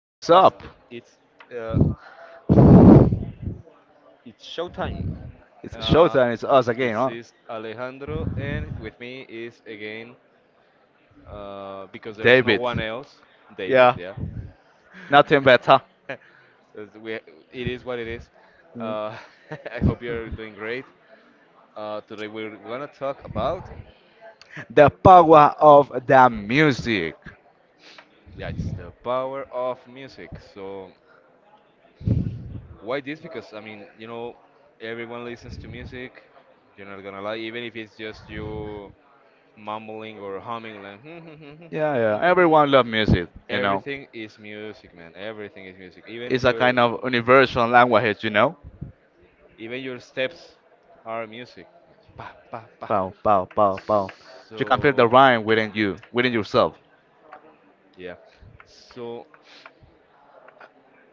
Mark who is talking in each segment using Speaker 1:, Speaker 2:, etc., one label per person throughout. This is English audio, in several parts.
Speaker 1: Hey, what's
Speaker 2: us.
Speaker 1: up?
Speaker 2: It's uh, it's showtime.
Speaker 1: It's
Speaker 2: Uh,
Speaker 1: showtime. It's us again,
Speaker 2: this
Speaker 1: huh?
Speaker 2: is Alejandro, and with me is again because there's no
Speaker 1: David.
Speaker 2: one else, David.
Speaker 1: Yeah,
Speaker 2: Yeah,
Speaker 1: nothing better.
Speaker 2: as we, it is what it is. Uh, I hope you're doing great. Today we're gonna talk about
Speaker 1: The power of the music.
Speaker 2: yeah, it's the power of music. So why this? Because everyone listens to music. You're not gonna lie, even if it's just you mumbling or humming like.
Speaker 1: Yeah, yeah. Everyone love music. You know,
Speaker 2: Everything is music, man. Everything is music,
Speaker 1: it's a kind of universal language. You know,
Speaker 2: even your steps are music. Pa pa pa,
Speaker 1: pow, pow, pow, pow. You can feel the
Speaker 2: so
Speaker 1: rhyme within you, within yourself.
Speaker 2: yeah, so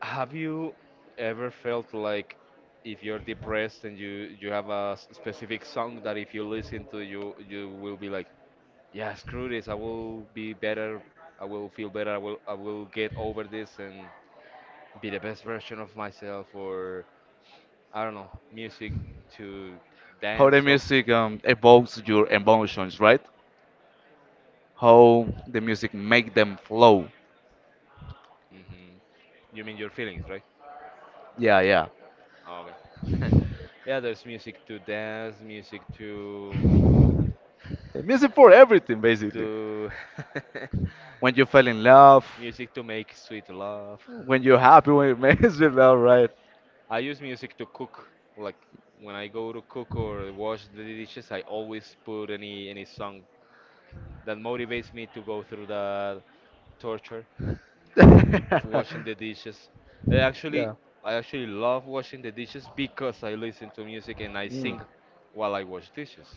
Speaker 2: have you ever felt like if you're depressed and you have a specific song that if you listen to you will be like, yeah, screw this, I will be better, I will feel better, I will get over this and be the best version of myself? Or I don't know, music to
Speaker 1: How the
Speaker 2: dance of.
Speaker 1: music evokes your emotions, right? How the music make them flow.
Speaker 2: Hmm, you mean your feelings, right?
Speaker 1: Yeah, yeah.
Speaker 2: Oh, okay. Yeah, there's music to dance, music to
Speaker 1: The music for everything, basically.
Speaker 2: to
Speaker 1: When you fell in love,
Speaker 2: music to make sweet love.
Speaker 1: when you're happy, when it makes you laugh, right?
Speaker 2: I use music to cook. Like when I go to cook or wash the dishes, I always put any song that motivates me to go through that torture. Of washing the dishes. I actually
Speaker 1: yeah.
Speaker 2: I actually love washing the dishes because I listen to music and I
Speaker 1: Mm.
Speaker 2: sing while I wash dishes.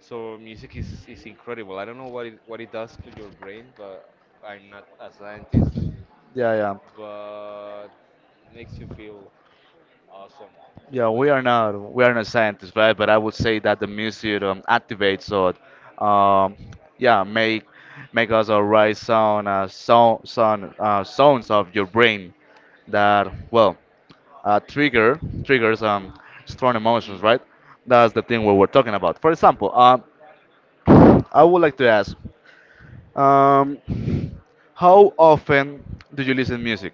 Speaker 2: So music is incredible. I don't know what what it does to your brain, but I'm not a scientist,
Speaker 1: Yeah, yeah.
Speaker 2: but it makes you feel awesome.
Speaker 1: Yeah,
Speaker 2: Like
Speaker 1: we are not scientists, right? But I would say that the music activates or um yeah, make make us a right sound sound sounds of your brain that, well, trigger triggers strong
Speaker 2: hmm,
Speaker 1: emotions, right? That's the thing we were talking about. For example, I would like to ask, Um, how often do you listen music?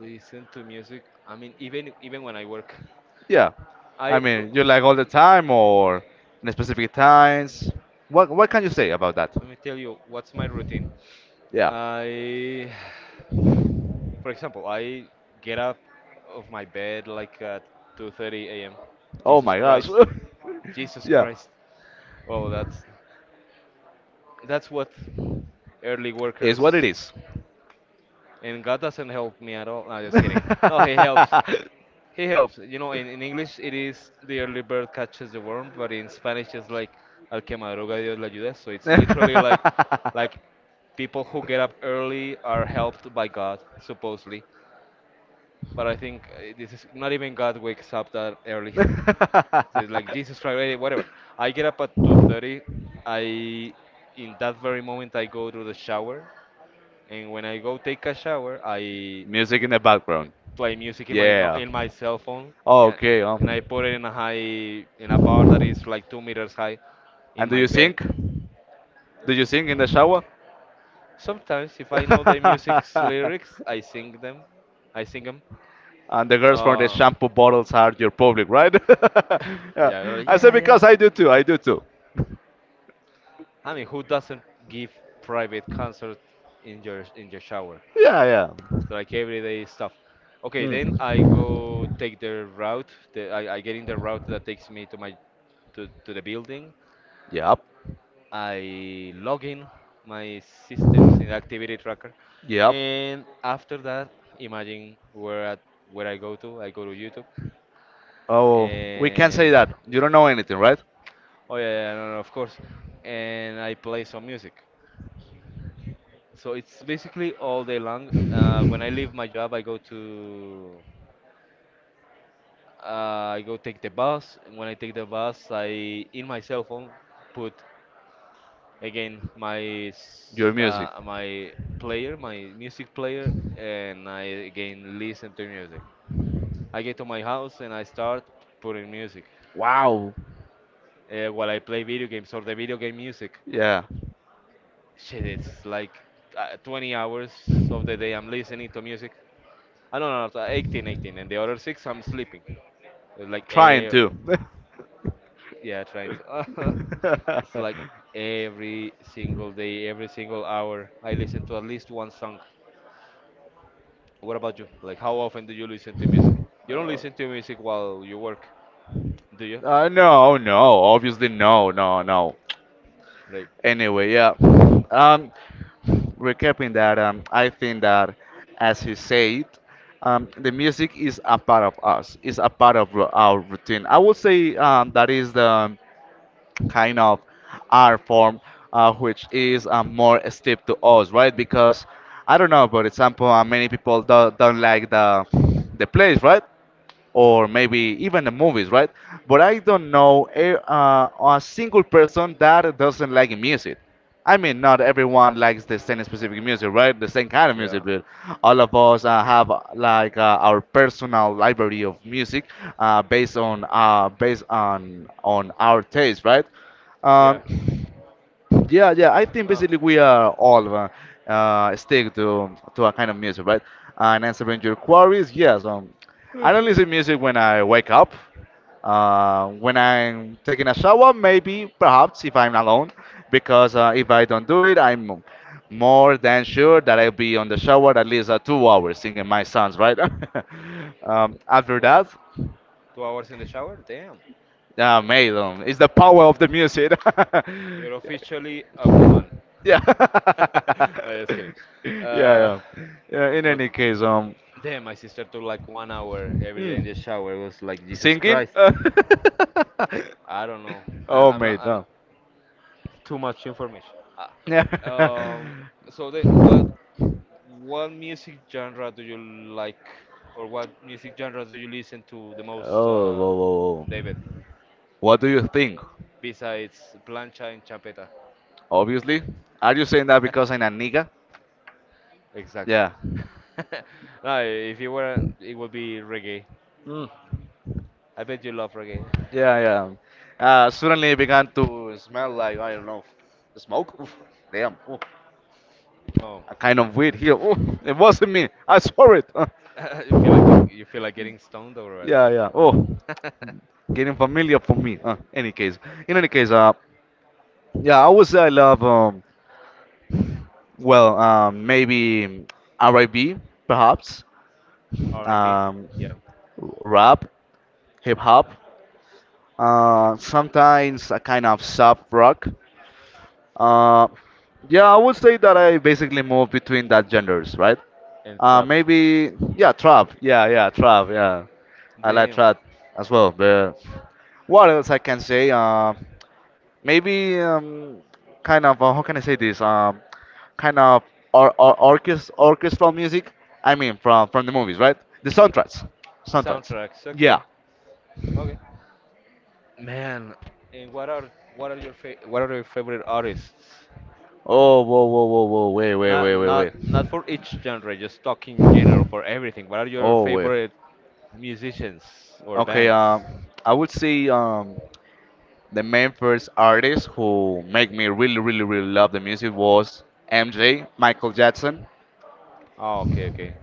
Speaker 2: listen to music. I mean even when I work,
Speaker 1: Yeah, I
Speaker 2: I
Speaker 1: mean, you like all the time or in specific times? What can you say about that?
Speaker 2: let me tell you what's my routine.
Speaker 1: Yeah.
Speaker 2: I For example, I get up of my bed like at 2:30 a.m.
Speaker 1: Oh
Speaker 2: Jesus
Speaker 1: my gosh.
Speaker 2: Christ, Jesus
Speaker 1: yeah,
Speaker 2: Christ. Well, that's what early
Speaker 1: is what it
Speaker 2: workers
Speaker 1: is.
Speaker 2: and God doesn't help me at all. No, just kidding. No, he helps. He helps. You know, in English it is the early bird catches the worm, but in Spanish it's like al que madruga Dios le ayuda. So it's literally like people who get up early are helped by God, supposedly. But I think this is not even God wakes up that early. So it's like Jesus Christ, eh, whatever. I get up at 2:30. I, in that very moment, I go to the shower, and when I go take a shower, I
Speaker 1: Music in the background.
Speaker 2: play music in my no,
Speaker 1: Yeah.
Speaker 2: in my cell phone. Yeah,
Speaker 1: Okay.
Speaker 2: and I put it in a high in a bar that is like 2 meters high in
Speaker 1: And do
Speaker 2: my
Speaker 1: you
Speaker 2: bed.
Speaker 1: sing? Do you sing in the shower?
Speaker 2: Sometimes, if I know the music's lyrics, I sing them. I sing them.
Speaker 1: and the girls from the
Speaker 2: Uh,
Speaker 1: shampoo bottles are your public, right? yeah. I say
Speaker 2: yeah,
Speaker 1: because
Speaker 2: yeah.
Speaker 1: I do too. I do too.
Speaker 2: I mean, who doesn't give private concert in your shower?
Speaker 1: Yeah, yeah.
Speaker 2: It's like everyday stuff. Okay, then
Speaker 1: Hmm.
Speaker 2: I go take the route. I get in the route that takes me to my to the building.
Speaker 1: Yep.
Speaker 2: I log in my systems in activity tracker,
Speaker 1: Yep.
Speaker 2: and after that, imagine where I go to. I go to YouTube.
Speaker 1: Oh, we can't
Speaker 2: Uh,
Speaker 1: say that. You don't know anything, right?
Speaker 2: oh yeah, yeah, no, no, of course. And I play some music. So it's basically all day long. When I leave my job, I go to I go take the bus. And when I take the bus, I in my cell phone put again
Speaker 1: Your music.
Speaker 2: my player, my music player, and I again listen to music. I get to my house and I start putting music
Speaker 1: Wow.
Speaker 2: while I play video games or the video game music.
Speaker 1: Yeah.
Speaker 2: Shit, it's like 20 hours of the day I'm listening to music. I don't know, so 18, and the other six I'm sleeping. It's like,
Speaker 1: Trying
Speaker 2: eh,
Speaker 1: to.
Speaker 2: yeah, trying to. It's
Speaker 1: uh,
Speaker 2: like every single day, every single hour, I listen to at least one song. What about you? Like, how often do you listen to music? You don't listen to music while you work, do you?
Speaker 1: no, no. Obviously, no, no, no.
Speaker 2: Like,
Speaker 1: Anyway, yeah. Um, recapping that, I think that, as he said, the music is a part of us. It's a part of our routine. I would say that is the kind of art form, which is more steep to us, right? Because I don't know, for example, many people don't like the place, right? Or maybe even the movies, right? But I don't know a single person that doesn't like music. I mean, not everyone likes the same specific music, right? The same kind of
Speaker 2: yeah,
Speaker 1: music, but all of us have like our personal library of music, based on based on our taste, right?
Speaker 2: yeah.
Speaker 1: Um, yeah, yeah. I think
Speaker 2: Uh,
Speaker 1: basically we are all stick to a kind of music, right? And answering your queries, yes. I don't listen music when I wake up. When I'm taking a shower, maybe, perhaps, if I'm alone, because if I don't do it, I'm more than sure that I'll be on the shower at least 2 hours singing my songs, right? After
Speaker 2: Two,
Speaker 1: that,
Speaker 2: 2 hours in the shower? Damn.
Speaker 1: yeah, mate, it's the power of the music.
Speaker 2: You're officially a woman.
Speaker 1: Yeah.
Speaker 2: No, just kidding. Uh,
Speaker 1: Yeah, yeah. Yeah, in
Speaker 2: but
Speaker 1: any case,
Speaker 2: damn, my sister took like 1 hour every day in
Speaker 1: mm,
Speaker 2: the shower. It was like Jesus
Speaker 1: singing?
Speaker 2: Christ. I don't know.
Speaker 1: Oh,
Speaker 2: I'm not.
Speaker 1: mate,
Speaker 2: I'm
Speaker 1: no.
Speaker 2: too much information. Ah.
Speaker 1: Yeah.
Speaker 2: Um. So then, what music genre do you like, or what music genres do you listen to the most,
Speaker 1: Oh, whoa, whoa.
Speaker 2: David?
Speaker 1: What do you think?
Speaker 2: Besides plancha and champeta.
Speaker 1: Obviously. Are you saying that because I'm a nigga?
Speaker 2: Exactly.
Speaker 1: Yeah.
Speaker 2: No, if you were, not it would be reggae.
Speaker 1: Mm,
Speaker 2: I bet you love reggae.
Speaker 1: yeah, yeah. Suddenly it began to smell like, I don't know, smoke? Oof, damn. Oof.
Speaker 2: Oh,
Speaker 1: A kind of weed here. Oof, it wasn't me. I saw it.
Speaker 2: you feel like getting stoned over
Speaker 1: yeah, yeah. Oh.
Speaker 2: what?
Speaker 1: Getting familiar for me. In any case, yeah, I would say I love well, maybe R&B, perhaps,
Speaker 2: R&B,
Speaker 1: um,
Speaker 2: yeah,
Speaker 1: rap, hip hop, sometimes a kind of soft rock. Uh, yeah, I would say that I basically move between that genders, right?
Speaker 2: and trap.
Speaker 1: Maybe yeah, trap. Yeah, yeah, trap. Yeah, I like
Speaker 2: Damn,
Speaker 1: trap as well. But what else I can say? Maybe kind of how can I say this? Kind of orchestral music. I mean, from the movies, right? The soundtracks, soundtracks.
Speaker 2: soundtracks.
Speaker 1: Yeah.
Speaker 2: Okay, okay. Man, and what are what are your favorite artists?
Speaker 1: Oh, whoa, whoa, whoa, whoa! Wait, wait,
Speaker 2: Not
Speaker 1: wait, wait,
Speaker 2: not
Speaker 1: wait.
Speaker 2: not for each genre, just talking general for everything. What are your
Speaker 1: Oh, wait.
Speaker 2: favorite musicians or
Speaker 1: Okay.
Speaker 2: bands?
Speaker 1: I would say the main first artist who make me really, really, really love the music was MJ, Michael Jackson.
Speaker 2: Oh, okay, okay.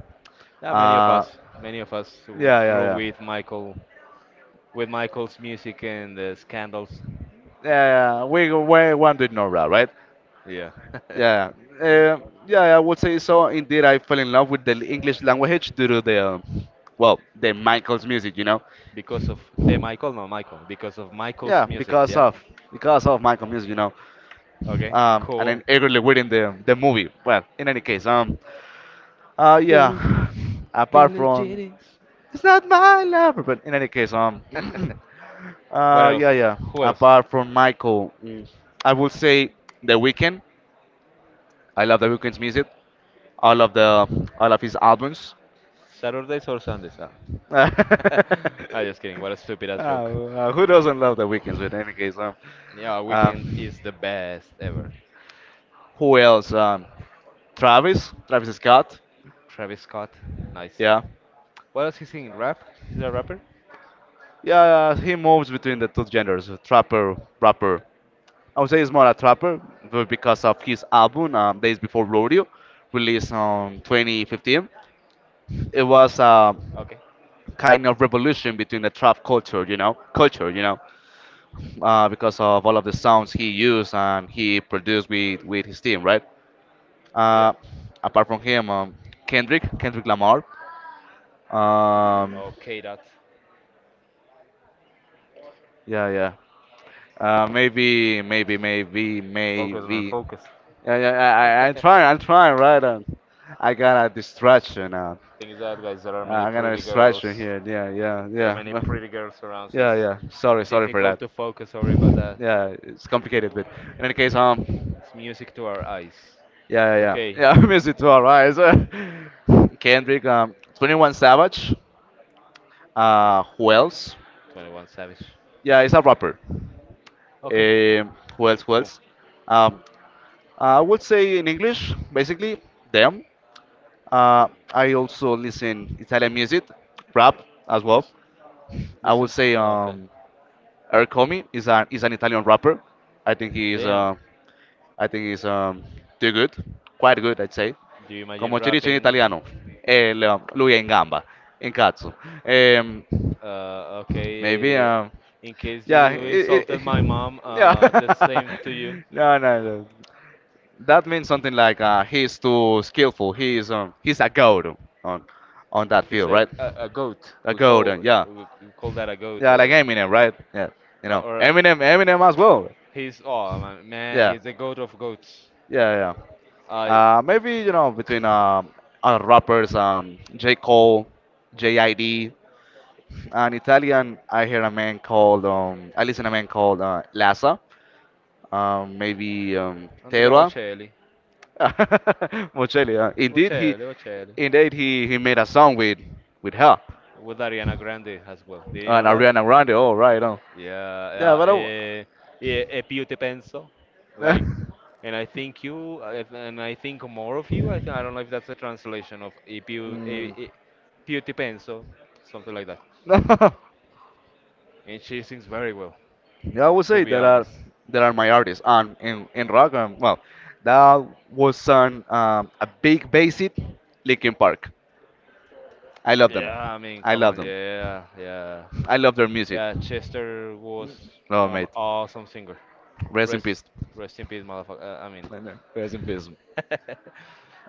Speaker 2: Yeah,
Speaker 1: Uh,
Speaker 2: many of us who
Speaker 1: yeah, yeah,
Speaker 2: grew
Speaker 1: yeah.
Speaker 2: with Michael, with Michael's music and the scandals.
Speaker 1: Yeah, yeah, we want to ignore that, right?
Speaker 2: Yeah,
Speaker 1: Yeah, yeah. Yeah, I would say so. Indeed, I fell in love with the English language due to the, well, the Michael's music, you know.
Speaker 2: because of the Michael, no Michael, because of Michael's
Speaker 1: Yeah,
Speaker 2: music. Yeah.
Speaker 1: because of Michael music, you know.
Speaker 2: Okay.
Speaker 1: And
Speaker 2: Cool.
Speaker 1: then eagerly waiting the movie. Well, in any case,
Speaker 2: Bill,
Speaker 1: yeah. Apart
Speaker 2: Billy
Speaker 1: from,
Speaker 2: Jennings.
Speaker 1: it's not my lover, but in any case,
Speaker 2: What else?
Speaker 1: yeah, yeah.
Speaker 2: Who else?
Speaker 1: Apart from Michael, mm, I would say The Weeknd. I love The Weeknd's music. All of the all of his albums.
Speaker 2: Saturdays or Sundays? Ah.
Speaker 1: uh,
Speaker 2: I'm just kidding. What a stupid ass joke.
Speaker 1: who doesn't love the weekends? With any case,
Speaker 2: Yeah,
Speaker 1: uh,
Speaker 2: Weekend is the best ever.
Speaker 1: who else? Travis, Travis Scott.
Speaker 2: Travis Scott, nice.
Speaker 1: Yeah,
Speaker 2: What else he singing? Rap? He's a rapper?
Speaker 1: yeah. He moves between the two genders, trapper, rapper. I would say he's more a trapper because of his album, Days Before Rodeo, released on 2015. It was a
Speaker 2: Okay.
Speaker 1: kind of revolution between the trap culture, you know, culture, you know. Because of all of the sounds he used and he produced with his team, right?
Speaker 2: Yeah.
Speaker 1: Uh, apart from him, Kendrick, Kendrick Lamar. Um,
Speaker 2: Okay, that.
Speaker 1: yeah, yeah. Maybe, maybe, maybe,
Speaker 2: Focus, man.
Speaker 1: maybe.
Speaker 2: Focus.
Speaker 1: Yeah, yeah. I'm trying. I'm trying, right? And I got a distraction.
Speaker 2: Thing is that guys, there are many
Speaker 1: I got a
Speaker 2: pretty
Speaker 1: distraction
Speaker 2: girls.
Speaker 1: here. Yeah, yeah,
Speaker 2: There are
Speaker 1: yeah.
Speaker 2: many
Speaker 1: Well,
Speaker 2: pretty girls around, so
Speaker 1: yeah,
Speaker 2: it's
Speaker 1: yeah. Sorry, sorry for
Speaker 2: difficult
Speaker 1: that.
Speaker 2: to focus. Sorry about that.
Speaker 1: Yeah, it's complicated, but in any case,
Speaker 2: It's music to our eyes.
Speaker 1: yeah, yeah,
Speaker 2: Okay,
Speaker 1: yeah. Yeah, music to our eyes. Kendrick, 21 Savage. Who else?
Speaker 2: Tw- 21 Savage.
Speaker 1: Yeah, he's a rapper.
Speaker 2: Okay,
Speaker 1: Um, who else? Who
Speaker 2: cool.
Speaker 1: else? Um, I would say in English, basically, them. Uh, I also listen Italian music, rap as well.
Speaker 2: Lis-
Speaker 1: I would
Speaker 2: Listen.
Speaker 1: say
Speaker 2: Okay.
Speaker 1: Ercomi is an Italian rapper. I think he is
Speaker 2: Damn.
Speaker 1: I think it's too good, quite good, I'd say.
Speaker 2: Do you
Speaker 1: Come
Speaker 2: imagine
Speaker 1: si dice in
Speaker 2: rapping?
Speaker 1: italiano, eh, lui è in gamba, in cazzo. Ehm, maybe,
Speaker 2: Okay.
Speaker 1: um,
Speaker 2: In case
Speaker 1: yeah,
Speaker 2: you insulted my mom,
Speaker 1: yeah.
Speaker 2: the same to you.
Speaker 1: no, no, no. That means something like he's too skillful. He's a goat on on that
Speaker 2: He's
Speaker 1: field, right?
Speaker 2: a goat.
Speaker 1: A goat, and yeah,
Speaker 2: We call that a goat
Speaker 1: yeah, like Eminem, right? Yeah, you know,
Speaker 2: or
Speaker 1: Eminem, Eminem as well.
Speaker 2: he's oh man,
Speaker 1: Yeah,
Speaker 2: he's a goat of goats.
Speaker 1: yeah, yeah.
Speaker 2: I
Speaker 1: Maybe you know between rappers, J. Cole, J.I.D. An Italian, I hear a man called, I listen a man called Lassa. Maybe
Speaker 2: Andrea
Speaker 1: Terra.
Speaker 2: Bocelli.
Speaker 1: Mocelli. Indeed,
Speaker 2: Bocelli.
Speaker 1: indeed he made a song with her
Speaker 2: With Ariana Grande as well. Did you
Speaker 1: and
Speaker 2: know that?
Speaker 1: Ariana Grande. Oh right, oh yeah,
Speaker 2: Yeah, uh,
Speaker 1: but I,
Speaker 2: eh, yeah, più te penso. Like,
Speaker 1: w-
Speaker 2: and I think you, and I think more of you. I don't know if that's a translation of e più,
Speaker 1: Mm.
Speaker 2: e, e, più te penso, something like that. And she sings very well,
Speaker 1: Yeah, I would
Speaker 2: to
Speaker 1: say
Speaker 2: be honest.
Speaker 1: that are my artists. And in rock, well, that was an a big basic Linkin Park. I love them.
Speaker 2: Yeah, I mean,
Speaker 1: I
Speaker 2: come
Speaker 1: love
Speaker 2: on,
Speaker 1: them. I love their music.
Speaker 2: yeah. Chester was
Speaker 1: No,
Speaker 2: an
Speaker 1: mate.
Speaker 2: awesome singer.
Speaker 1: Rest in
Speaker 2: Rest,
Speaker 1: peace.
Speaker 2: rest in peace, motherfucker. I mean,
Speaker 1: Rest in peace.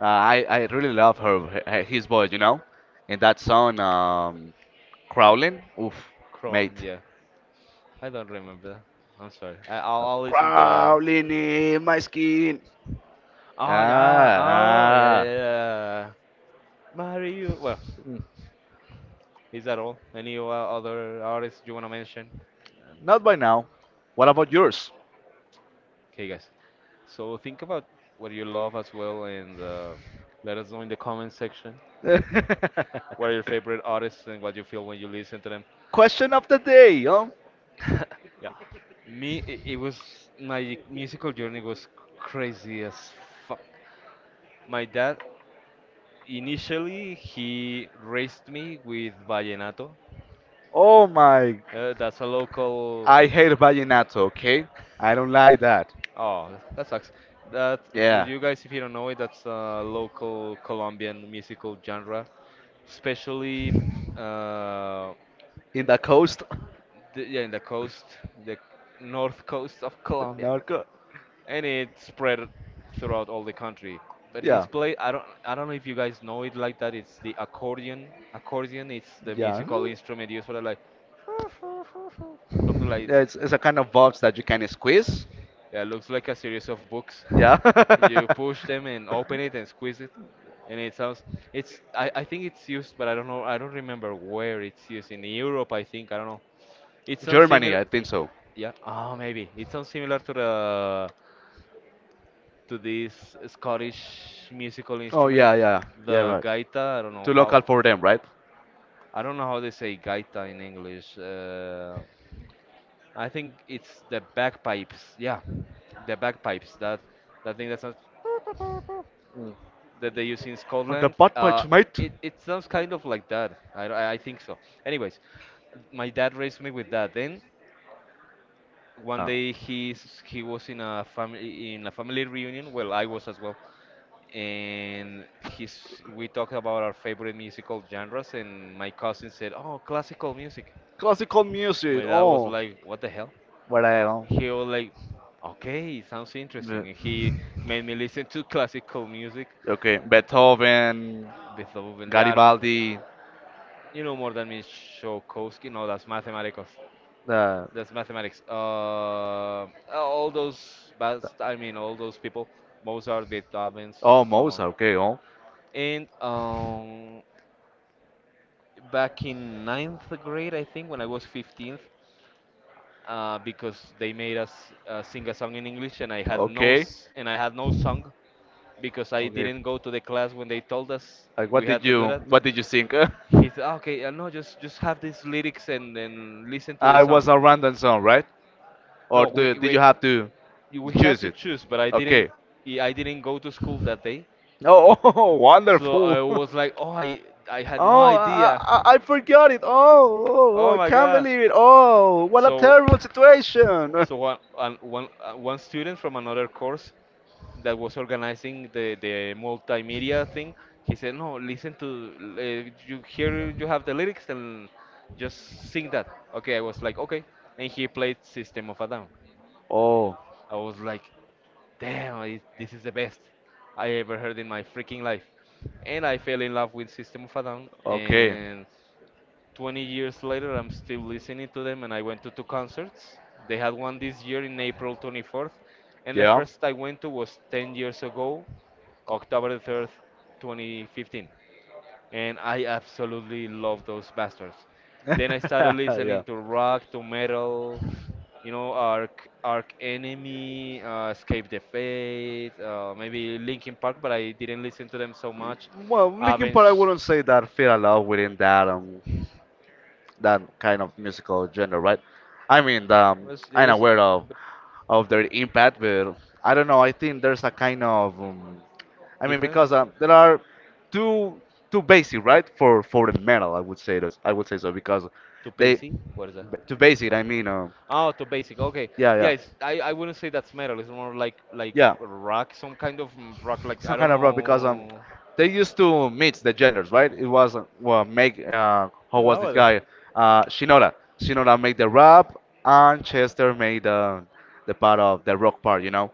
Speaker 1: I really love her his voice. You know, in that song, crawling. Oof,
Speaker 2: Crawling,
Speaker 1: mate.
Speaker 2: yeah. I don't remember. I'm sorry. I'll listen to that.
Speaker 1: Crawling in my skin.
Speaker 2: Oh yeah.
Speaker 1: Ah,
Speaker 2: Oh yeah,
Speaker 1: ah.
Speaker 2: yeah, yeah. Mario. Well, is that all? Any other artists you wanna mention?
Speaker 1: Not by now. What about yours?
Speaker 2: Okay, guys. So think about what you love as well, and let us know in the comment section what are your favorite artists and what you feel when you listen to them.
Speaker 1: Question of the day.
Speaker 2: Yeah. Me, it was my musical journey was crazy as fuck. My dad Initially, he raised me with vallenato.
Speaker 1: Oh my.
Speaker 2: That's a local.
Speaker 1: I hate vallenato, okay? I don't like that.
Speaker 2: Oh, that sucks. That For
Speaker 1: Yeah.
Speaker 2: you guys, if you don't know it, that's a local Colombian musical genre, especially uh,
Speaker 1: In the coast.
Speaker 2: yeah, in the coast, the north coast of
Speaker 1: The
Speaker 2: Colombia.
Speaker 1: narco.
Speaker 2: And it spread throughout all the country. But
Speaker 1: Yeah.
Speaker 2: it's played. I don't know if you guys know it like that. It's the accordion. Accordion. It's the
Speaker 1: Yeah.
Speaker 2: musical
Speaker 1: Mm.
Speaker 2: instrument used for the, like something like
Speaker 1: Yeah, it's a kind of vibes that you can squeeze.
Speaker 2: yeah, looks like a series of books.
Speaker 1: Yeah.
Speaker 2: You push them and open it and squeeze it, and it sounds. I think it's used, but I don't know. I don't remember where it's used in Europe. I think I don't know. It sounds
Speaker 1: Germany,
Speaker 2: similar.
Speaker 1: I think so.
Speaker 2: Yeah. Oh, maybe it sounds similar to the to this Scottish musical
Speaker 1: Oh,
Speaker 2: instrument,
Speaker 1: yeah, yeah. Yeah,
Speaker 2: the
Speaker 1: right.
Speaker 2: gaita. I don't know
Speaker 1: Too local
Speaker 2: how.
Speaker 1: for them, right?
Speaker 2: I don't know how they say gaita in English. I think it's the bagpipes. Yeah, the bagpipes. That thing that sounds that they use in
Speaker 1: Or the
Speaker 2: Scotland.
Speaker 1: butt punch, mate.
Speaker 2: It sounds kind of like that. I think so. Anyways, my dad raised me with that. Then one
Speaker 1: Oh.
Speaker 2: day he was in a family reunion. Well, I was as well and he's we talked about our favorite musical genres and my cousin said, oh, classical music.
Speaker 1: Classical music.
Speaker 2: My dad was
Speaker 1: Oh.
Speaker 2: like, what the hell.
Speaker 1: What I don't.
Speaker 2: He was like, okay, sounds
Speaker 1: Yeah.
Speaker 2: interesting. And he made me listen to classical music.
Speaker 1: Okay. Beethoven.
Speaker 2: Beethoven, yeah, I don't know,
Speaker 1: Garibaldi.
Speaker 2: you know more than me. Tchaikovsky. No, that's mathematics.
Speaker 1: Uh,
Speaker 2: That's mathematics. All those bas I mean all those people, Mozart, Beethoven,
Speaker 1: oh,
Speaker 2: so on.
Speaker 1: Mosa. Okay. Oh,
Speaker 2: And back in ninth grade, I think, when I was 15th, because they made us sing a song in English, and I had no
Speaker 1: okay.
Speaker 2: s- and I had no song because I
Speaker 1: Okay.
Speaker 2: didn't go to the class when they told us
Speaker 1: Like,
Speaker 2: we had to do that.
Speaker 1: what did you think?
Speaker 2: He said, "Ah, okay, no, just have these lyrics and then listen to the
Speaker 1: It
Speaker 2: song."
Speaker 1: was a random song, right?
Speaker 2: No, we
Speaker 1: Did
Speaker 2: we
Speaker 1: you have to
Speaker 2: you- we have
Speaker 1: choose
Speaker 2: to
Speaker 1: it?
Speaker 2: choose, but I
Speaker 1: Okay.
Speaker 2: didn't go to school that day,
Speaker 1: Oh, oh,
Speaker 2: so
Speaker 1: wonderful.
Speaker 2: I was like, "Oh, I had no
Speaker 1: Oh,
Speaker 2: idea."
Speaker 1: I forgot it. Oh, oh, oh,
Speaker 2: Oh
Speaker 1: I
Speaker 2: my
Speaker 1: can't
Speaker 2: God.
Speaker 1: believe it. Oh, what a
Speaker 2: So
Speaker 1: terrible situation.
Speaker 2: So one student from another course that was organizing the multimedia thing, he said, no, listen to, you here you have the lyrics and just sing that. Okay, I was like, okay. And he played System of a Down.
Speaker 1: Oh,
Speaker 2: I was like, damn, it, this is the best I ever heard in my freaking life. And I fell in love with System of a Down
Speaker 1: okay.
Speaker 2: and 20 years later, I'm still listening to them, and I went to two concerts. They had one this year in April 24th, and the
Speaker 1: Yeah.
Speaker 2: first I went to was 10 years ago, October 3rd, 2015. And I absolutely love those bastards. Then I started listening
Speaker 1: yeah.
Speaker 2: to rock, to metal, Arc Enemy, Escape the Fate, maybe Linkin Park, but I didn't listen to them so much.
Speaker 1: Well, looking part, I
Speaker 2: Avenged
Speaker 1: wouldn't say that fit a lot within that that kind of musical genre, right? I mean,
Speaker 2: was it
Speaker 1: I'm
Speaker 2: was a
Speaker 1: aware
Speaker 2: bit
Speaker 1: of their impact, but I don't know. I think there's a kind of I mean, because
Speaker 2: difference.
Speaker 1: there are two two basic, right, for the metal. I would say this. I would say so because
Speaker 2: To
Speaker 1: they
Speaker 2: basic? What is that?
Speaker 1: too basic. I mean,
Speaker 2: Oh, to basic. Okay.
Speaker 1: yeah, yeah,
Speaker 2: Yes, I wouldn't say that's metal. It's more like
Speaker 1: yeah.
Speaker 2: rock, some kind of rock. Like
Speaker 1: Some
Speaker 2: I
Speaker 1: kind
Speaker 2: don't
Speaker 1: of rock because
Speaker 2: know.
Speaker 1: they used to mix the genders, right? It was well make how was this
Speaker 2: Nowadays.
Speaker 1: guy? Shinoda. Shinoda made the rap and Chester made the part of the rock part, you know.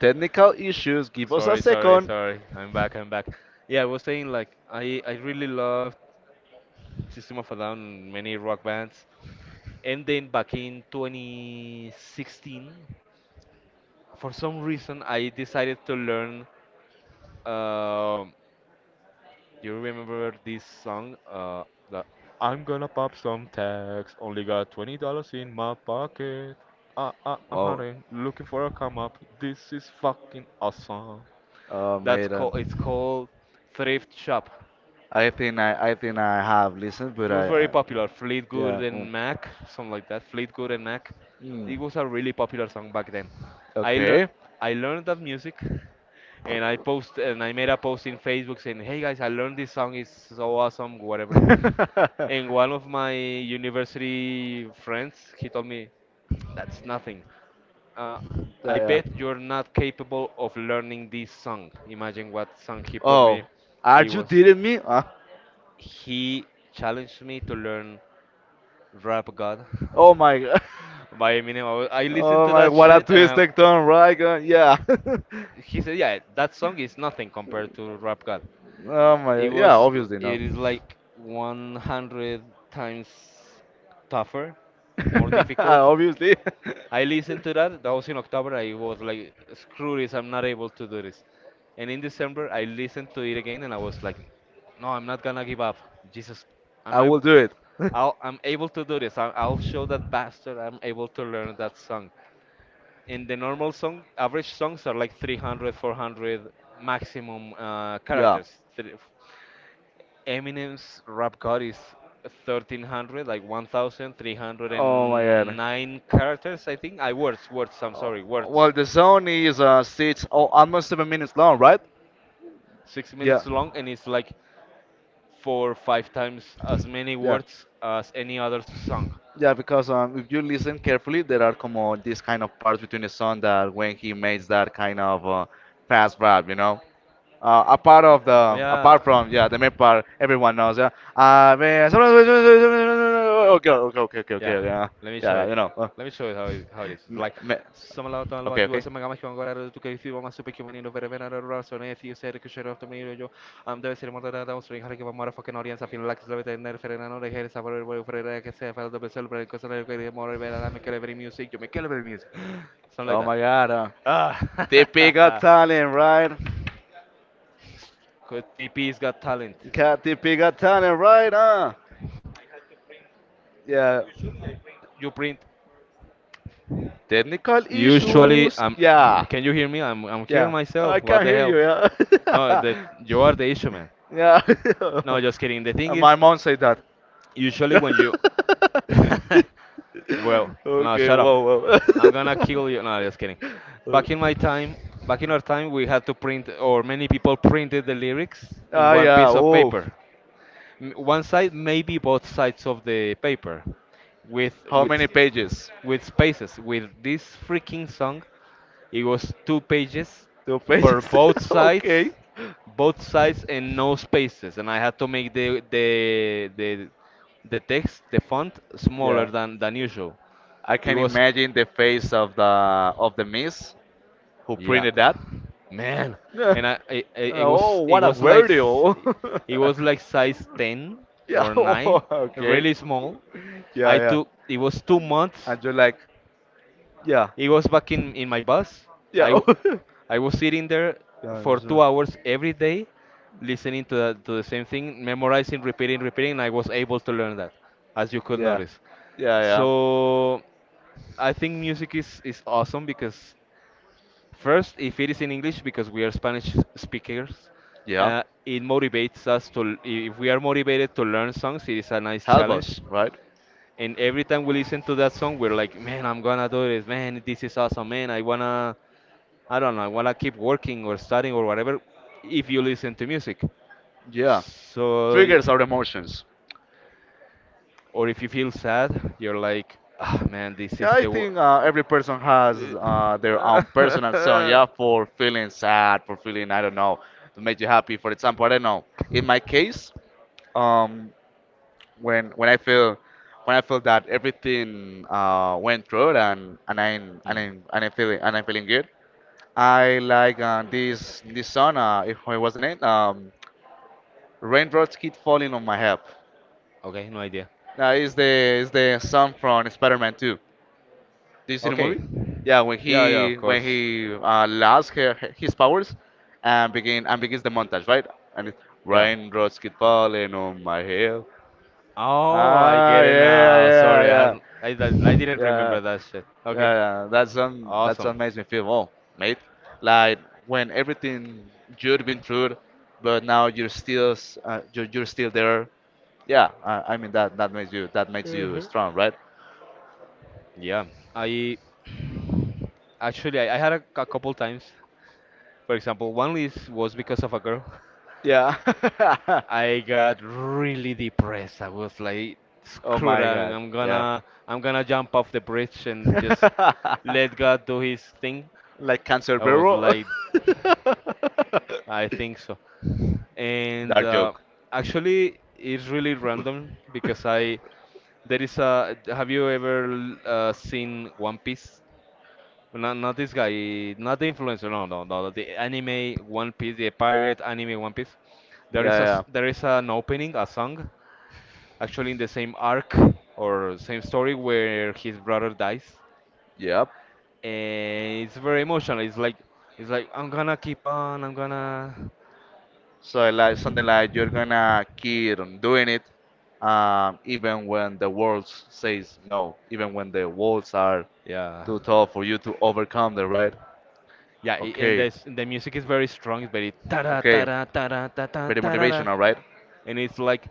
Speaker 1: Technical issues, give us a
Speaker 2: Sorry, sorry,
Speaker 1: second.
Speaker 2: sorry. I'm back. I'm back. Yeah, I was saying like I really love System of a Down, and many rock bands, and then back in 2016, for some reason I decided to learn. um Do you remember this song? The I'm gonna pop some tags. Only got $20 in my pocket. I'm
Speaker 1: Oh
Speaker 2: hunting, looking for a come up. This is fucking awesome.
Speaker 1: oh
Speaker 2: That's
Speaker 1: maiden.
Speaker 2: called. It's called Thrift Shop.
Speaker 1: I think I think I have listened but
Speaker 2: It was very
Speaker 1: I
Speaker 2: popular. Fleetwood
Speaker 1: yeah
Speaker 2: and Mac, something like that. Fleetwood and Mac.
Speaker 1: mm,
Speaker 2: It was a really popular song back then. I learned
Speaker 1: okay.
Speaker 2: I learned that music, and I made a post in Facebook saying, "Hey guys, I learned this song. It's so awesome, whatever." And one of my university friends, he told me, that's nothing. Uh,
Speaker 1: yeah
Speaker 2: I
Speaker 1: yeah.
Speaker 2: bet you're not capable of learning this song. Imagine what song he put
Speaker 1: Oh,
Speaker 2: me.
Speaker 1: are
Speaker 2: It
Speaker 1: you
Speaker 2: was,
Speaker 1: dating me?
Speaker 2: he challenged me to learn Rap God
Speaker 1: Oh my god.
Speaker 2: by Eminem. I listened
Speaker 1: Oh
Speaker 2: to
Speaker 1: my,
Speaker 2: that
Speaker 1: what a
Speaker 2: shit, and
Speaker 1: twist
Speaker 2: I,
Speaker 1: and turn, right? Yeah.
Speaker 2: he said, yeah, that song is nothing compared to Rap God.
Speaker 1: oh my,
Speaker 2: It
Speaker 1: god. Yeah,
Speaker 2: was,
Speaker 1: obviously no.
Speaker 2: it is like 100 times tougher, more difficult.
Speaker 1: Obviously.
Speaker 2: I listened to that. That was in October. I was like, screw this, I'm not able to do this. And in December, I listened to it again and I was like, no, I'm not gonna give up. Jesus, I'm
Speaker 1: I will
Speaker 2: able,
Speaker 1: do it.
Speaker 2: I'm able to do this. I'll show that bastard I'm able to learn that song. In the normal song average, songs are like 300 400 maximum
Speaker 1: yeah.
Speaker 2: characters. Eminem's Rap God is 1300, like
Speaker 1: Oh my god.
Speaker 2: 1309 characters, I think, I words, I'm
Speaker 1: Oh,
Speaker 2: sorry,
Speaker 1: well,
Speaker 2: words.
Speaker 1: the zone is six, oh, almost 7 minutes long, right?
Speaker 2: six
Speaker 1: Yeah.
Speaker 2: minutes long, and it's like four or five times as many
Speaker 1: Yeah.
Speaker 2: words as any other song.
Speaker 1: Yeah, because if you listen carefully, there are como these kind of parts between the song that when he makes that kind of fast rap, you know. A part of
Speaker 2: Oh
Speaker 1: the
Speaker 2: yeah.
Speaker 1: apart from yeah the main part everyone knows yeah. Man, okay, okay, okay, okay,
Speaker 2: Yeah,
Speaker 1: okay, yeah,
Speaker 2: let me show
Speaker 1: yeah,
Speaker 2: it.
Speaker 1: you know.
Speaker 2: Let me show you how it is. It's
Speaker 1: Me,
Speaker 2: like,
Speaker 1: me,
Speaker 2: Summer lá tá lua
Speaker 1: okay,
Speaker 2: de
Speaker 1: okay.
Speaker 2: uma gama que agora era do que viu uma super que o menino ver ver a relação e fio sério que cheiro after me yo am deve ser mortal da string que vai mora fucking audience afim lá que se leva tener ferena no dejer esa por el ferena que se fala de ser pero cosa de que mora ver a me quiere ver music yo me quiero ver music something like
Speaker 1: Oh
Speaker 2: that.
Speaker 1: my God.
Speaker 2: ah
Speaker 1: TP got talent, right?
Speaker 2: TP's got talent.
Speaker 1: Got TP got talent, right?
Speaker 2: I had to print,
Speaker 1: Yeah.
Speaker 2: usually I print, you print.
Speaker 1: Technical
Speaker 2: Usually,
Speaker 1: issues.
Speaker 2: I'm.
Speaker 1: Yeah,
Speaker 2: Can you hear me? I'm. I'm
Speaker 1: yeah.
Speaker 2: hearing
Speaker 1: Oh, I
Speaker 2: myself. What
Speaker 1: can't
Speaker 2: the
Speaker 1: hear
Speaker 2: hell?
Speaker 1: you.
Speaker 2: No, that
Speaker 1: Yeah.
Speaker 2: you are the issue, man.
Speaker 1: yeah.
Speaker 2: No, just kidding. The thing
Speaker 1: And my
Speaker 2: is,
Speaker 1: mom said that.
Speaker 2: usually when you, well, no,
Speaker 1: okay.
Speaker 2: shut up.
Speaker 1: Whoa, whoa.
Speaker 2: I'm gonna kill you. No, just kidding. Back in my time, back in our time, we had to print, or many people printed the lyrics in
Speaker 1: Ah,
Speaker 2: one
Speaker 1: yeah.
Speaker 2: piece of
Speaker 1: Oh,
Speaker 2: paper, one side, maybe both sides of the paper, with
Speaker 1: how
Speaker 2: with
Speaker 1: many pages?
Speaker 2: with spaces. With this freaking song, it was 2 pages
Speaker 1: Two
Speaker 2: for
Speaker 1: pages. okay.
Speaker 2: both sides and no spaces, and I had to make the text, the font smaller
Speaker 1: Yeah.
Speaker 2: than usual.
Speaker 1: I
Speaker 2: It
Speaker 1: can
Speaker 2: was
Speaker 1: imagine the face of the miss who
Speaker 2: Yeah,
Speaker 1: printed that.
Speaker 2: man,
Speaker 1: Yeah.
Speaker 2: and I it
Speaker 1: Oh,
Speaker 2: was it
Speaker 1: what a
Speaker 2: was like
Speaker 1: word! Yo.
Speaker 2: it was like size 10
Speaker 1: yeah.
Speaker 2: or 9,
Speaker 1: Oh,
Speaker 2: really
Speaker 1: okay.
Speaker 2: small.
Speaker 1: Yeah,
Speaker 2: I
Speaker 1: yeah.
Speaker 2: took it was 2 months.
Speaker 1: And you're like, yeah,
Speaker 2: It was back in my bus. I
Speaker 1: yeah,
Speaker 2: w- I was sitting there
Speaker 1: yeah,
Speaker 2: for 2 hours every day, listening to the same thing, memorizing, repeating, repeating, and I was able to learn that, as you could
Speaker 1: yeah,
Speaker 2: notice.
Speaker 1: yeah, yeah,
Speaker 2: So I think music is awesome because first, if it is in English, because we are Spanish speakers,
Speaker 1: yeah.
Speaker 2: it motivates us to, if we are motivated to learn songs, it is a nice
Speaker 1: Help us,
Speaker 2: challenge.
Speaker 1: right?
Speaker 2: And every time we listen to that song, we're like, man, I'm gonna do this, man, this is awesome, man, I wanna, I don't know, I wanna keep working or studying or whatever, if you listen to music.
Speaker 1: Yeah.
Speaker 2: So,
Speaker 1: Triggers our emotions.
Speaker 2: or if you feel sad, you're like, ah, man, this is
Speaker 1: Yeah, I
Speaker 2: the wor-
Speaker 1: think every person has their own personal song. Yeah, for feeling sad, for feeling I don't know, to make you happy. For example, I don't know. In my case, um, when I feel when I feel that everything went through and I'm and
Speaker 2: Hmm,
Speaker 1: I'm and I'm feeling and I'm feeling good, I like this song. If it was the name, raindrops keep falling on my head.
Speaker 2: okay, no idea.
Speaker 1: Now is the song from Spider-Man 2. Do you see the
Speaker 2: Okay.
Speaker 1: movie? Yeah, when
Speaker 2: Yeah, yeah,
Speaker 1: he
Speaker 2: of course.
Speaker 1: lost her, his powers and begins the montage, right? And it's
Speaker 2: Yeah.
Speaker 1: raindrops keep falling on my head.
Speaker 2: Oh, I
Speaker 1: Ah,
Speaker 2: get it
Speaker 1: yeah,
Speaker 2: now.
Speaker 1: yeah,
Speaker 2: Sorry,
Speaker 1: yeah,
Speaker 2: I didn't
Speaker 1: yeah,
Speaker 2: remember that shit. Okay.
Speaker 1: yeah. That song
Speaker 2: Awesome.
Speaker 1: makes me feel oh, mate. Like when everything you've been through, but now you're still you're still there. Yeah, I mean that makes you that makes you strong, right?
Speaker 2: Yeah. I actually I had a couple times. For example, one list was because of a girl.
Speaker 1: Yeah.
Speaker 2: I got really depressed. I was like,
Speaker 1: Oh
Speaker 2: screw that.
Speaker 1: my God.
Speaker 2: I'm
Speaker 1: Yeah.
Speaker 2: gonna I'm gonna jump off the bridge and just let God do his thing.
Speaker 1: like cancer
Speaker 2: I was
Speaker 1: barrel.
Speaker 2: like, I think so. And
Speaker 1: Dark joke.
Speaker 2: actually it's really random because I there is a have you ever seen One Piece? Well, not this guy, not the influencer. No, no, no. The anime One Piece, the pirate anime One Piece. There
Speaker 1: Yeah,
Speaker 2: is a
Speaker 1: yeah.
Speaker 2: s- there is an opening, a song, actually in the same arc or same story where his brother dies,
Speaker 1: Yep.
Speaker 2: and it's very emotional. It's like I'm gonna keep on, I'm gonna,
Speaker 1: So like something like you're gonna keep on doing it, even when the world says no, even when the walls are
Speaker 2: yeah.
Speaker 1: too tall for you to overcome them, right?
Speaker 2: Yeah, and
Speaker 1: Okay.
Speaker 2: the music is very strong. It's very ta da
Speaker 1: Okay.
Speaker 2: ta da ta da ta ta
Speaker 1: Very
Speaker 2: ta da da,
Speaker 1: motivational, right?
Speaker 2: and it's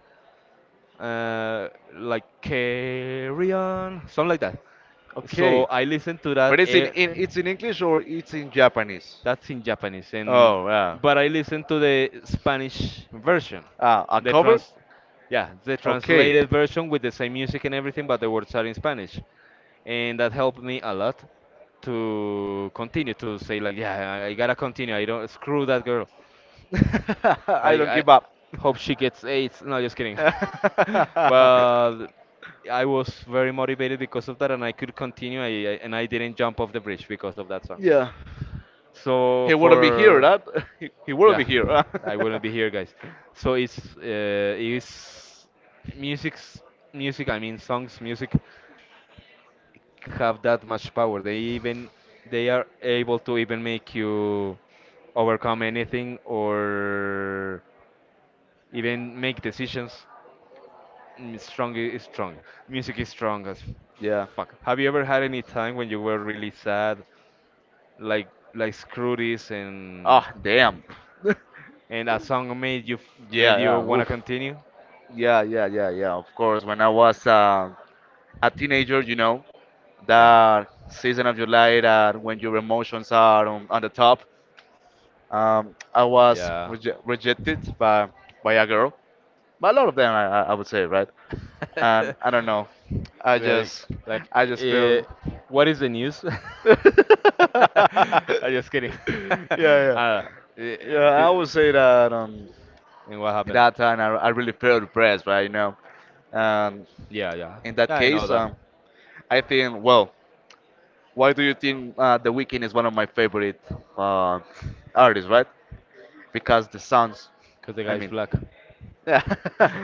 Speaker 2: like carry on, something like that. So
Speaker 1: Okay.
Speaker 2: I listen to that.
Speaker 1: But it's in it's in English or it's in Japanese?
Speaker 2: That's in Japanese, and
Speaker 1: Oh, yeah.
Speaker 2: but I listen to the Spanish version,
Speaker 1: Ah, a
Speaker 2: the
Speaker 1: cover?
Speaker 2: trans, yeah, the
Speaker 1: Okay.
Speaker 2: translated version with the same music and everything, but the words are in Spanish, and that helped me a lot to continue to say like, yeah, I gotta continue. I don't screw that girl.
Speaker 1: I
Speaker 2: Like
Speaker 1: don't
Speaker 2: I
Speaker 1: give up.
Speaker 2: hope she gets AIDS. No, just kidding. But I was very motivated because of that, and I could continue. I didn't jump off the bridge because of that song.
Speaker 1: yeah.
Speaker 2: So
Speaker 1: He wouldn't be here,
Speaker 2: for
Speaker 1: that. He wouldn't
Speaker 2: yeah,
Speaker 1: be here, huh?
Speaker 2: I wouldn't be here, guys. So it's is music's music. I mean songs, music have that much power. They are able to even make you overcome anything or even make decisions. Is strong. Music is strong as
Speaker 1: yeah.
Speaker 2: fuck. Have you ever had any time when you were really sad, like like screw this, and
Speaker 1: Ah, damn. yeah,
Speaker 2: a song made you made you
Speaker 1: yeah.
Speaker 2: wanna
Speaker 1: Oof.
Speaker 2: continue?
Speaker 1: Yeah, yeah, yeah, yeah. Of course, when I was a teenager, you know,
Speaker 2: Yeah.
Speaker 1: that season of your life, that when your emotions are on the top. I was
Speaker 2: Yeah.
Speaker 1: rejected by a girl, by a lot of them, I would say, right? And I don't know, I
Speaker 2: Like
Speaker 1: just
Speaker 2: like
Speaker 1: I just
Speaker 2: eh,
Speaker 1: feel.
Speaker 2: what is the news?
Speaker 1: yeah,
Speaker 2: I'm just kidding.
Speaker 1: yeah,
Speaker 2: uh, eh,
Speaker 1: yeah.
Speaker 2: th-
Speaker 1: I would say that
Speaker 2: and what
Speaker 1: at
Speaker 2: happened?
Speaker 1: that time I really felt depressed, right? You know, and
Speaker 2: Yeah, yeah.
Speaker 1: in that
Speaker 2: I know
Speaker 1: case,
Speaker 2: that
Speaker 1: I think, well, why do you think The Weeknd is one of my favorite uh, artists, right? Because the sounds,
Speaker 2: because the
Speaker 1: I
Speaker 2: guy's
Speaker 1: mean,
Speaker 2: black.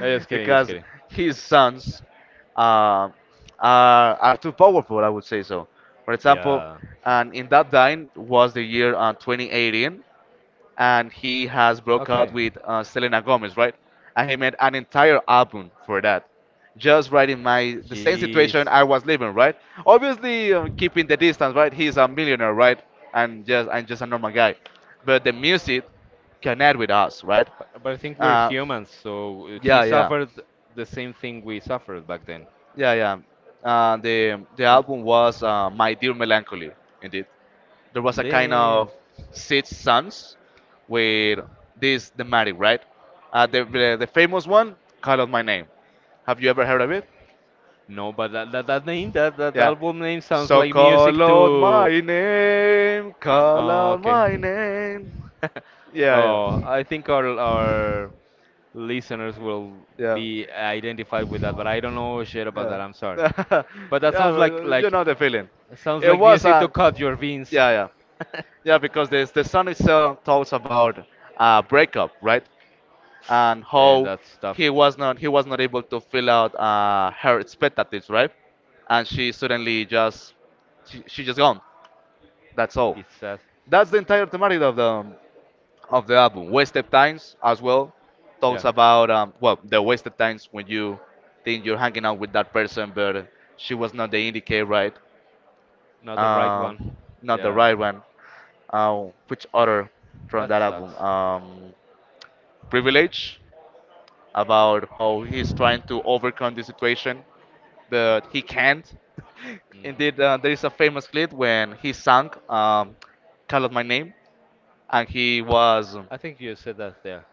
Speaker 2: No, just kidding, just
Speaker 1: because
Speaker 2: kidding.
Speaker 1: his sons uh, are too powerful, I would say so. For example,
Speaker 2: Yeah.
Speaker 1: and in that time was the year 2018, and he has broke out
Speaker 2: Okay.
Speaker 1: with Selena Gomez, right? And he made an entire album for that, just right in my the same
Speaker 2: Jeez.
Speaker 1: situation I was living, right? Obviously, keeping the distance, right? He's a millionaire, right? And just a normal guy, but the music connect with us, right?
Speaker 2: But I think we're
Speaker 1: Uh,
Speaker 2: humans, so he
Speaker 1: yeah, yeah.
Speaker 2: suffered the same thing we suffered back then.
Speaker 1: Yeah, yeah. The
Speaker 2: And
Speaker 1: album was My Dear Melancholy. Indeed, there was a kind of
Speaker 2: then
Speaker 1: six sons with this thematic, right? The famous one, Call Out My Name. Have you ever heard of it?
Speaker 2: no, but that
Speaker 1: Yeah.
Speaker 2: album name sounds
Speaker 1: So
Speaker 2: like
Speaker 1: call
Speaker 2: music
Speaker 1: out
Speaker 2: to.
Speaker 1: my name, call out
Speaker 2: Okay.
Speaker 1: my name. Yeah,
Speaker 2: Oh, I think our listeners will
Speaker 1: yeah, yeah,
Speaker 2: be identified with that, but I don't know shit about
Speaker 1: yeah.
Speaker 2: that. I'm sorry,
Speaker 1: yeah, but
Speaker 2: but that sounds like
Speaker 1: you know the feeling. It was
Speaker 2: music to
Speaker 1: a
Speaker 2: cut your veins.
Speaker 1: yeah, yeah. Yeah, because the song itself talks about breakup, right? And
Speaker 2: Then
Speaker 1: how
Speaker 2: that stuff
Speaker 1: he was not able to fill out her expectatives, right? And she suddenly just she just gone. That's all.
Speaker 2: it's sad.
Speaker 1: That's the entire thematic of the album. Wasted times as well talks
Speaker 2: Yeah,
Speaker 1: about well the wasted times when you think you're hanging out with that person, but she was not the indicator, right?
Speaker 2: not the right
Speaker 1: Um,
Speaker 2: one.
Speaker 1: not the
Speaker 2: Yeah,
Speaker 1: right one. Which other from
Speaker 2: that
Speaker 1: that album?
Speaker 2: sucks.
Speaker 1: Privilege about how he's trying to overcome the situation, but he can't.
Speaker 2: hmm
Speaker 1: Indeed, there is a famous clip when he sang "Call Out My Name" and he was,
Speaker 2: I think you said that there.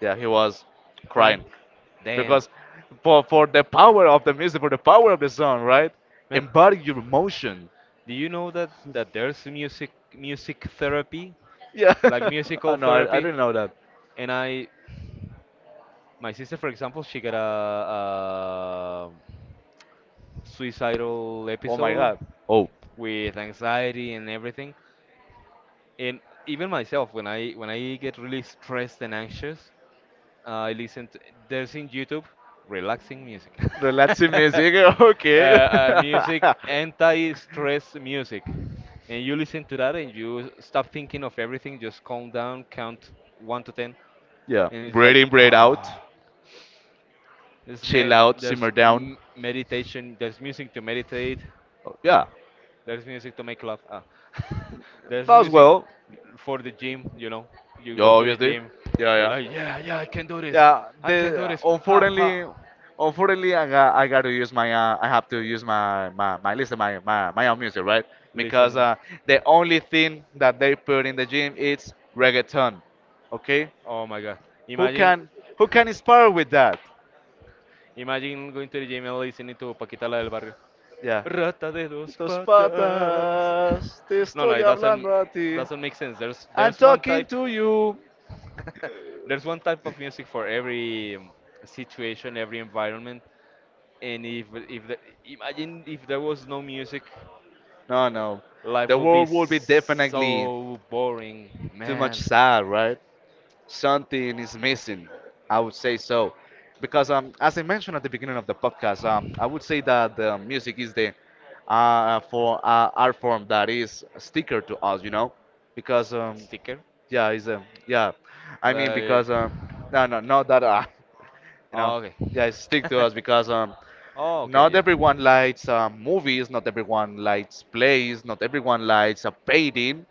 Speaker 1: yeah, he was
Speaker 2: Crying.
Speaker 1: crying
Speaker 2: Damn,
Speaker 1: because for the power of the music, for the power of the song, right?
Speaker 2: man.
Speaker 1: Embody your emotion.
Speaker 2: Do you know that there's music therapy,
Speaker 1: Yeah.
Speaker 2: like
Speaker 1: oh
Speaker 2: musical
Speaker 1: no, I
Speaker 2: therapy,
Speaker 1: didn't know that.
Speaker 2: and I. My sister, for example, she got a suicidal
Speaker 1: Oh my
Speaker 2: episode
Speaker 1: God. Oh.
Speaker 2: with anxiety and everything. And even myself, when I get really stressed and anxious, I listen to, there's in YouTube relaxing music.
Speaker 1: Relaxing
Speaker 2: uh,
Speaker 1: music, okay.
Speaker 2: music, anti-stress music. And you listen to that and you stop thinking of everything, just calm down, count 1 to 10,
Speaker 1: yeah,
Speaker 2: and it's
Speaker 1: breathe
Speaker 2: like
Speaker 1: in, breathe out,
Speaker 2: There's,
Speaker 1: chill
Speaker 2: me-
Speaker 1: out,
Speaker 2: there's
Speaker 1: simmer down.
Speaker 2: m- meditation, there's music to meditate,
Speaker 1: Oh, yeah,
Speaker 2: there's music to make love. Ah. There's
Speaker 1: that was
Speaker 2: music
Speaker 1: well.
Speaker 2: for the gym, you know. You
Speaker 1: Yeah,
Speaker 2: go to the
Speaker 1: obviously.
Speaker 2: gym,
Speaker 1: Yeah,
Speaker 2: you're
Speaker 1: yeah.
Speaker 2: like, yeah, yeah, I can do this,
Speaker 1: Yeah,
Speaker 2: I can do
Speaker 1: the
Speaker 2: this, ha
Speaker 1: unfortunately,
Speaker 2: ha.
Speaker 1: unfortunately, I got to use my I have to use my my my listen my my my own music right because
Speaker 2: Listening.
Speaker 1: the only thing that they put in the gym is reggaeton, okay?
Speaker 2: Oh my god.
Speaker 1: Who
Speaker 2: Imagine,
Speaker 1: can who can inspire with that?
Speaker 2: imagine going to the gym and listening to Paquita la del Barrio.
Speaker 1: Yeah.
Speaker 2: Rata de dos
Speaker 1: Tus
Speaker 2: patas.
Speaker 1: patas, te
Speaker 2: No, no,
Speaker 1: estoy
Speaker 2: it doesn't
Speaker 1: hablando a ti.
Speaker 2: doesn't make sense.
Speaker 1: I'm
Speaker 2: There's one
Speaker 1: talking
Speaker 2: type
Speaker 1: to you.
Speaker 2: There's one type of music for every situation, every environment, and if the, imagine if there was no music,
Speaker 1: No, no,
Speaker 2: life
Speaker 1: the
Speaker 2: will be
Speaker 1: world would be definitely
Speaker 2: so boring,
Speaker 1: too much
Speaker 2: man.
Speaker 1: sad, right? Something is missing. I would say so, because as I mentioned at the beginning of the podcast, I would say that the music is the for art form that is sticker to us, you know, because
Speaker 2: S- Sticker,
Speaker 1: yeah, is um, yeah, I mean
Speaker 2: like,
Speaker 1: because no, no, not that you
Speaker 2: oh,
Speaker 1: know,
Speaker 2: okay.
Speaker 1: yeah, it's stick to us because
Speaker 2: Oh okay,
Speaker 1: not
Speaker 2: yeah.
Speaker 1: everyone likes movies, not everyone likes plays, not everyone likes a painting,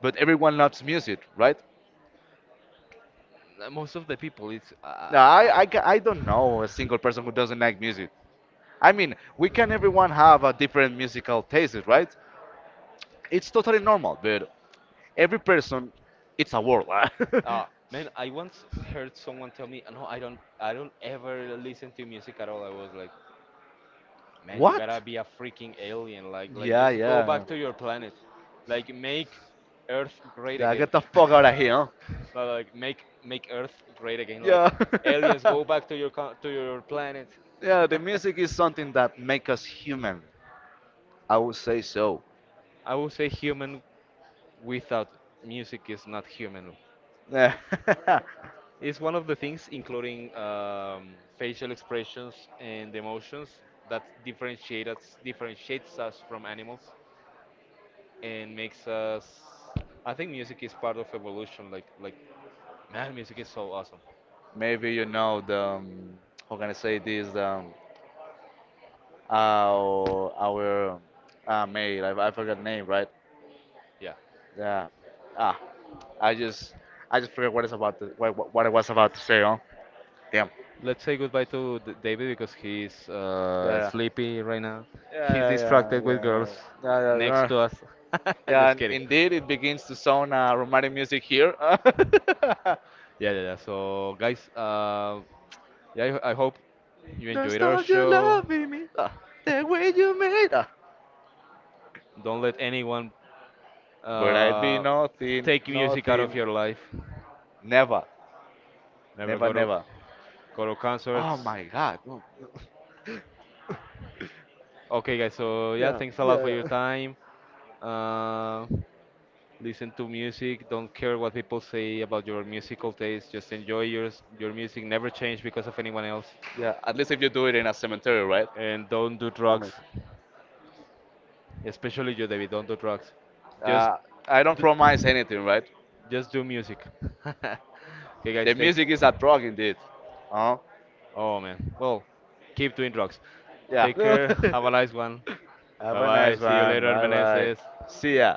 Speaker 1: but everyone loves music, right?
Speaker 2: Most of the people, it's
Speaker 1: No, I don't know a single person who doesn't like music. I mean, we can everyone have a different musical taste, right? It's totally normal, but every person, it's a world.
Speaker 2: man. I once heard someone tell me, no, I don't ever listen to music at all. I was like. Man, you
Speaker 1: what?
Speaker 2: gotta be a freaking alien.
Speaker 1: Yeah,
Speaker 2: Just go
Speaker 1: yeah.
Speaker 2: back to your planet. Like, make Earth great
Speaker 1: Yeah,
Speaker 2: again.
Speaker 1: get the fuck out of here, huh?
Speaker 2: No, like make Earth great again. Like, aliens,
Speaker 1: Yeah.
Speaker 2: go back to your to your planet.
Speaker 1: yeah, the music is something that makes us human. I would say so.
Speaker 2: I would say human without music is not human. It's one of the things, including facial expressions and emotions, that differentiates us from animals. And makes us. I think music is part of evolution. Like, man, music is so awesome.
Speaker 1: Maybe you know the how can I say this? Our maid. I forgot name, right?
Speaker 2: Yeah.
Speaker 1: Yeah. Ah, I just I just forgot what is about to, what I was about to say. Huh? Damn.
Speaker 2: Let's say goodbye to David because he's
Speaker 1: Yeah.
Speaker 2: sleepy right now.
Speaker 1: Yeah. Yeah.
Speaker 2: He's
Speaker 1: Yeah.
Speaker 2: distracted
Speaker 1: Yeah.
Speaker 2: with
Speaker 1: Yeah.
Speaker 2: girls
Speaker 1: Yeah. Yeah. yeah.
Speaker 2: next
Speaker 1: Yeah,
Speaker 2: to us.
Speaker 1: Yeah,
Speaker 2: Just
Speaker 1: and
Speaker 2: kidding.
Speaker 1: indeed, it begins to sound romantic music here.
Speaker 2: Yeah, yeah, yeah. So, guys, yeah, I hope you
Speaker 1: Don't
Speaker 2: enjoyed our
Speaker 1: stop you
Speaker 2: show.
Speaker 1: loving me ah, the way you made. Ah.
Speaker 2: Don't let anyone
Speaker 1: But I'd be
Speaker 2: uh,
Speaker 1: nothing,
Speaker 2: take music out of
Speaker 1: nothing,
Speaker 2: your life.
Speaker 1: never,
Speaker 2: Never
Speaker 1: never, never.
Speaker 2: go to
Speaker 1: Oh
Speaker 2: concerts.
Speaker 1: my God.
Speaker 2: Okay, guys. So yeah,
Speaker 1: Yeah.
Speaker 2: thanks a lot
Speaker 1: Yeah.
Speaker 2: for your
Speaker 1: Yeah.
Speaker 2: time. Uh, listen to music. Don't care what people say about your musical taste. Just enjoy your music. Never change because of anyone else.
Speaker 1: Yeah, at least if you do it in a cemetery, right?
Speaker 2: And don't do
Speaker 1: I
Speaker 2: drugs,
Speaker 1: mean,
Speaker 2: especially you, David. Don't do drugs. Just
Speaker 1: uh, I don't
Speaker 2: do,
Speaker 1: promise anything, right?
Speaker 2: just do music. Okay,
Speaker 1: The
Speaker 2: guys. Take.
Speaker 1: music is at rock indeed. Oh,
Speaker 2: Oh man. Well, keep doing drugs. Take
Speaker 1: yeah.
Speaker 2: care. Have a nice one.
Speaker 1: Have
Speaker 2: Bye
Speaker 1: a
Speaker 2: bye.
Speaker 1: nice
Speaker 2: See you
Speaker 1: one.
Speaker 2: later,
Speaker 1: Bye bye.
Speaker 2: Meneses.
Speaker 1: See ya.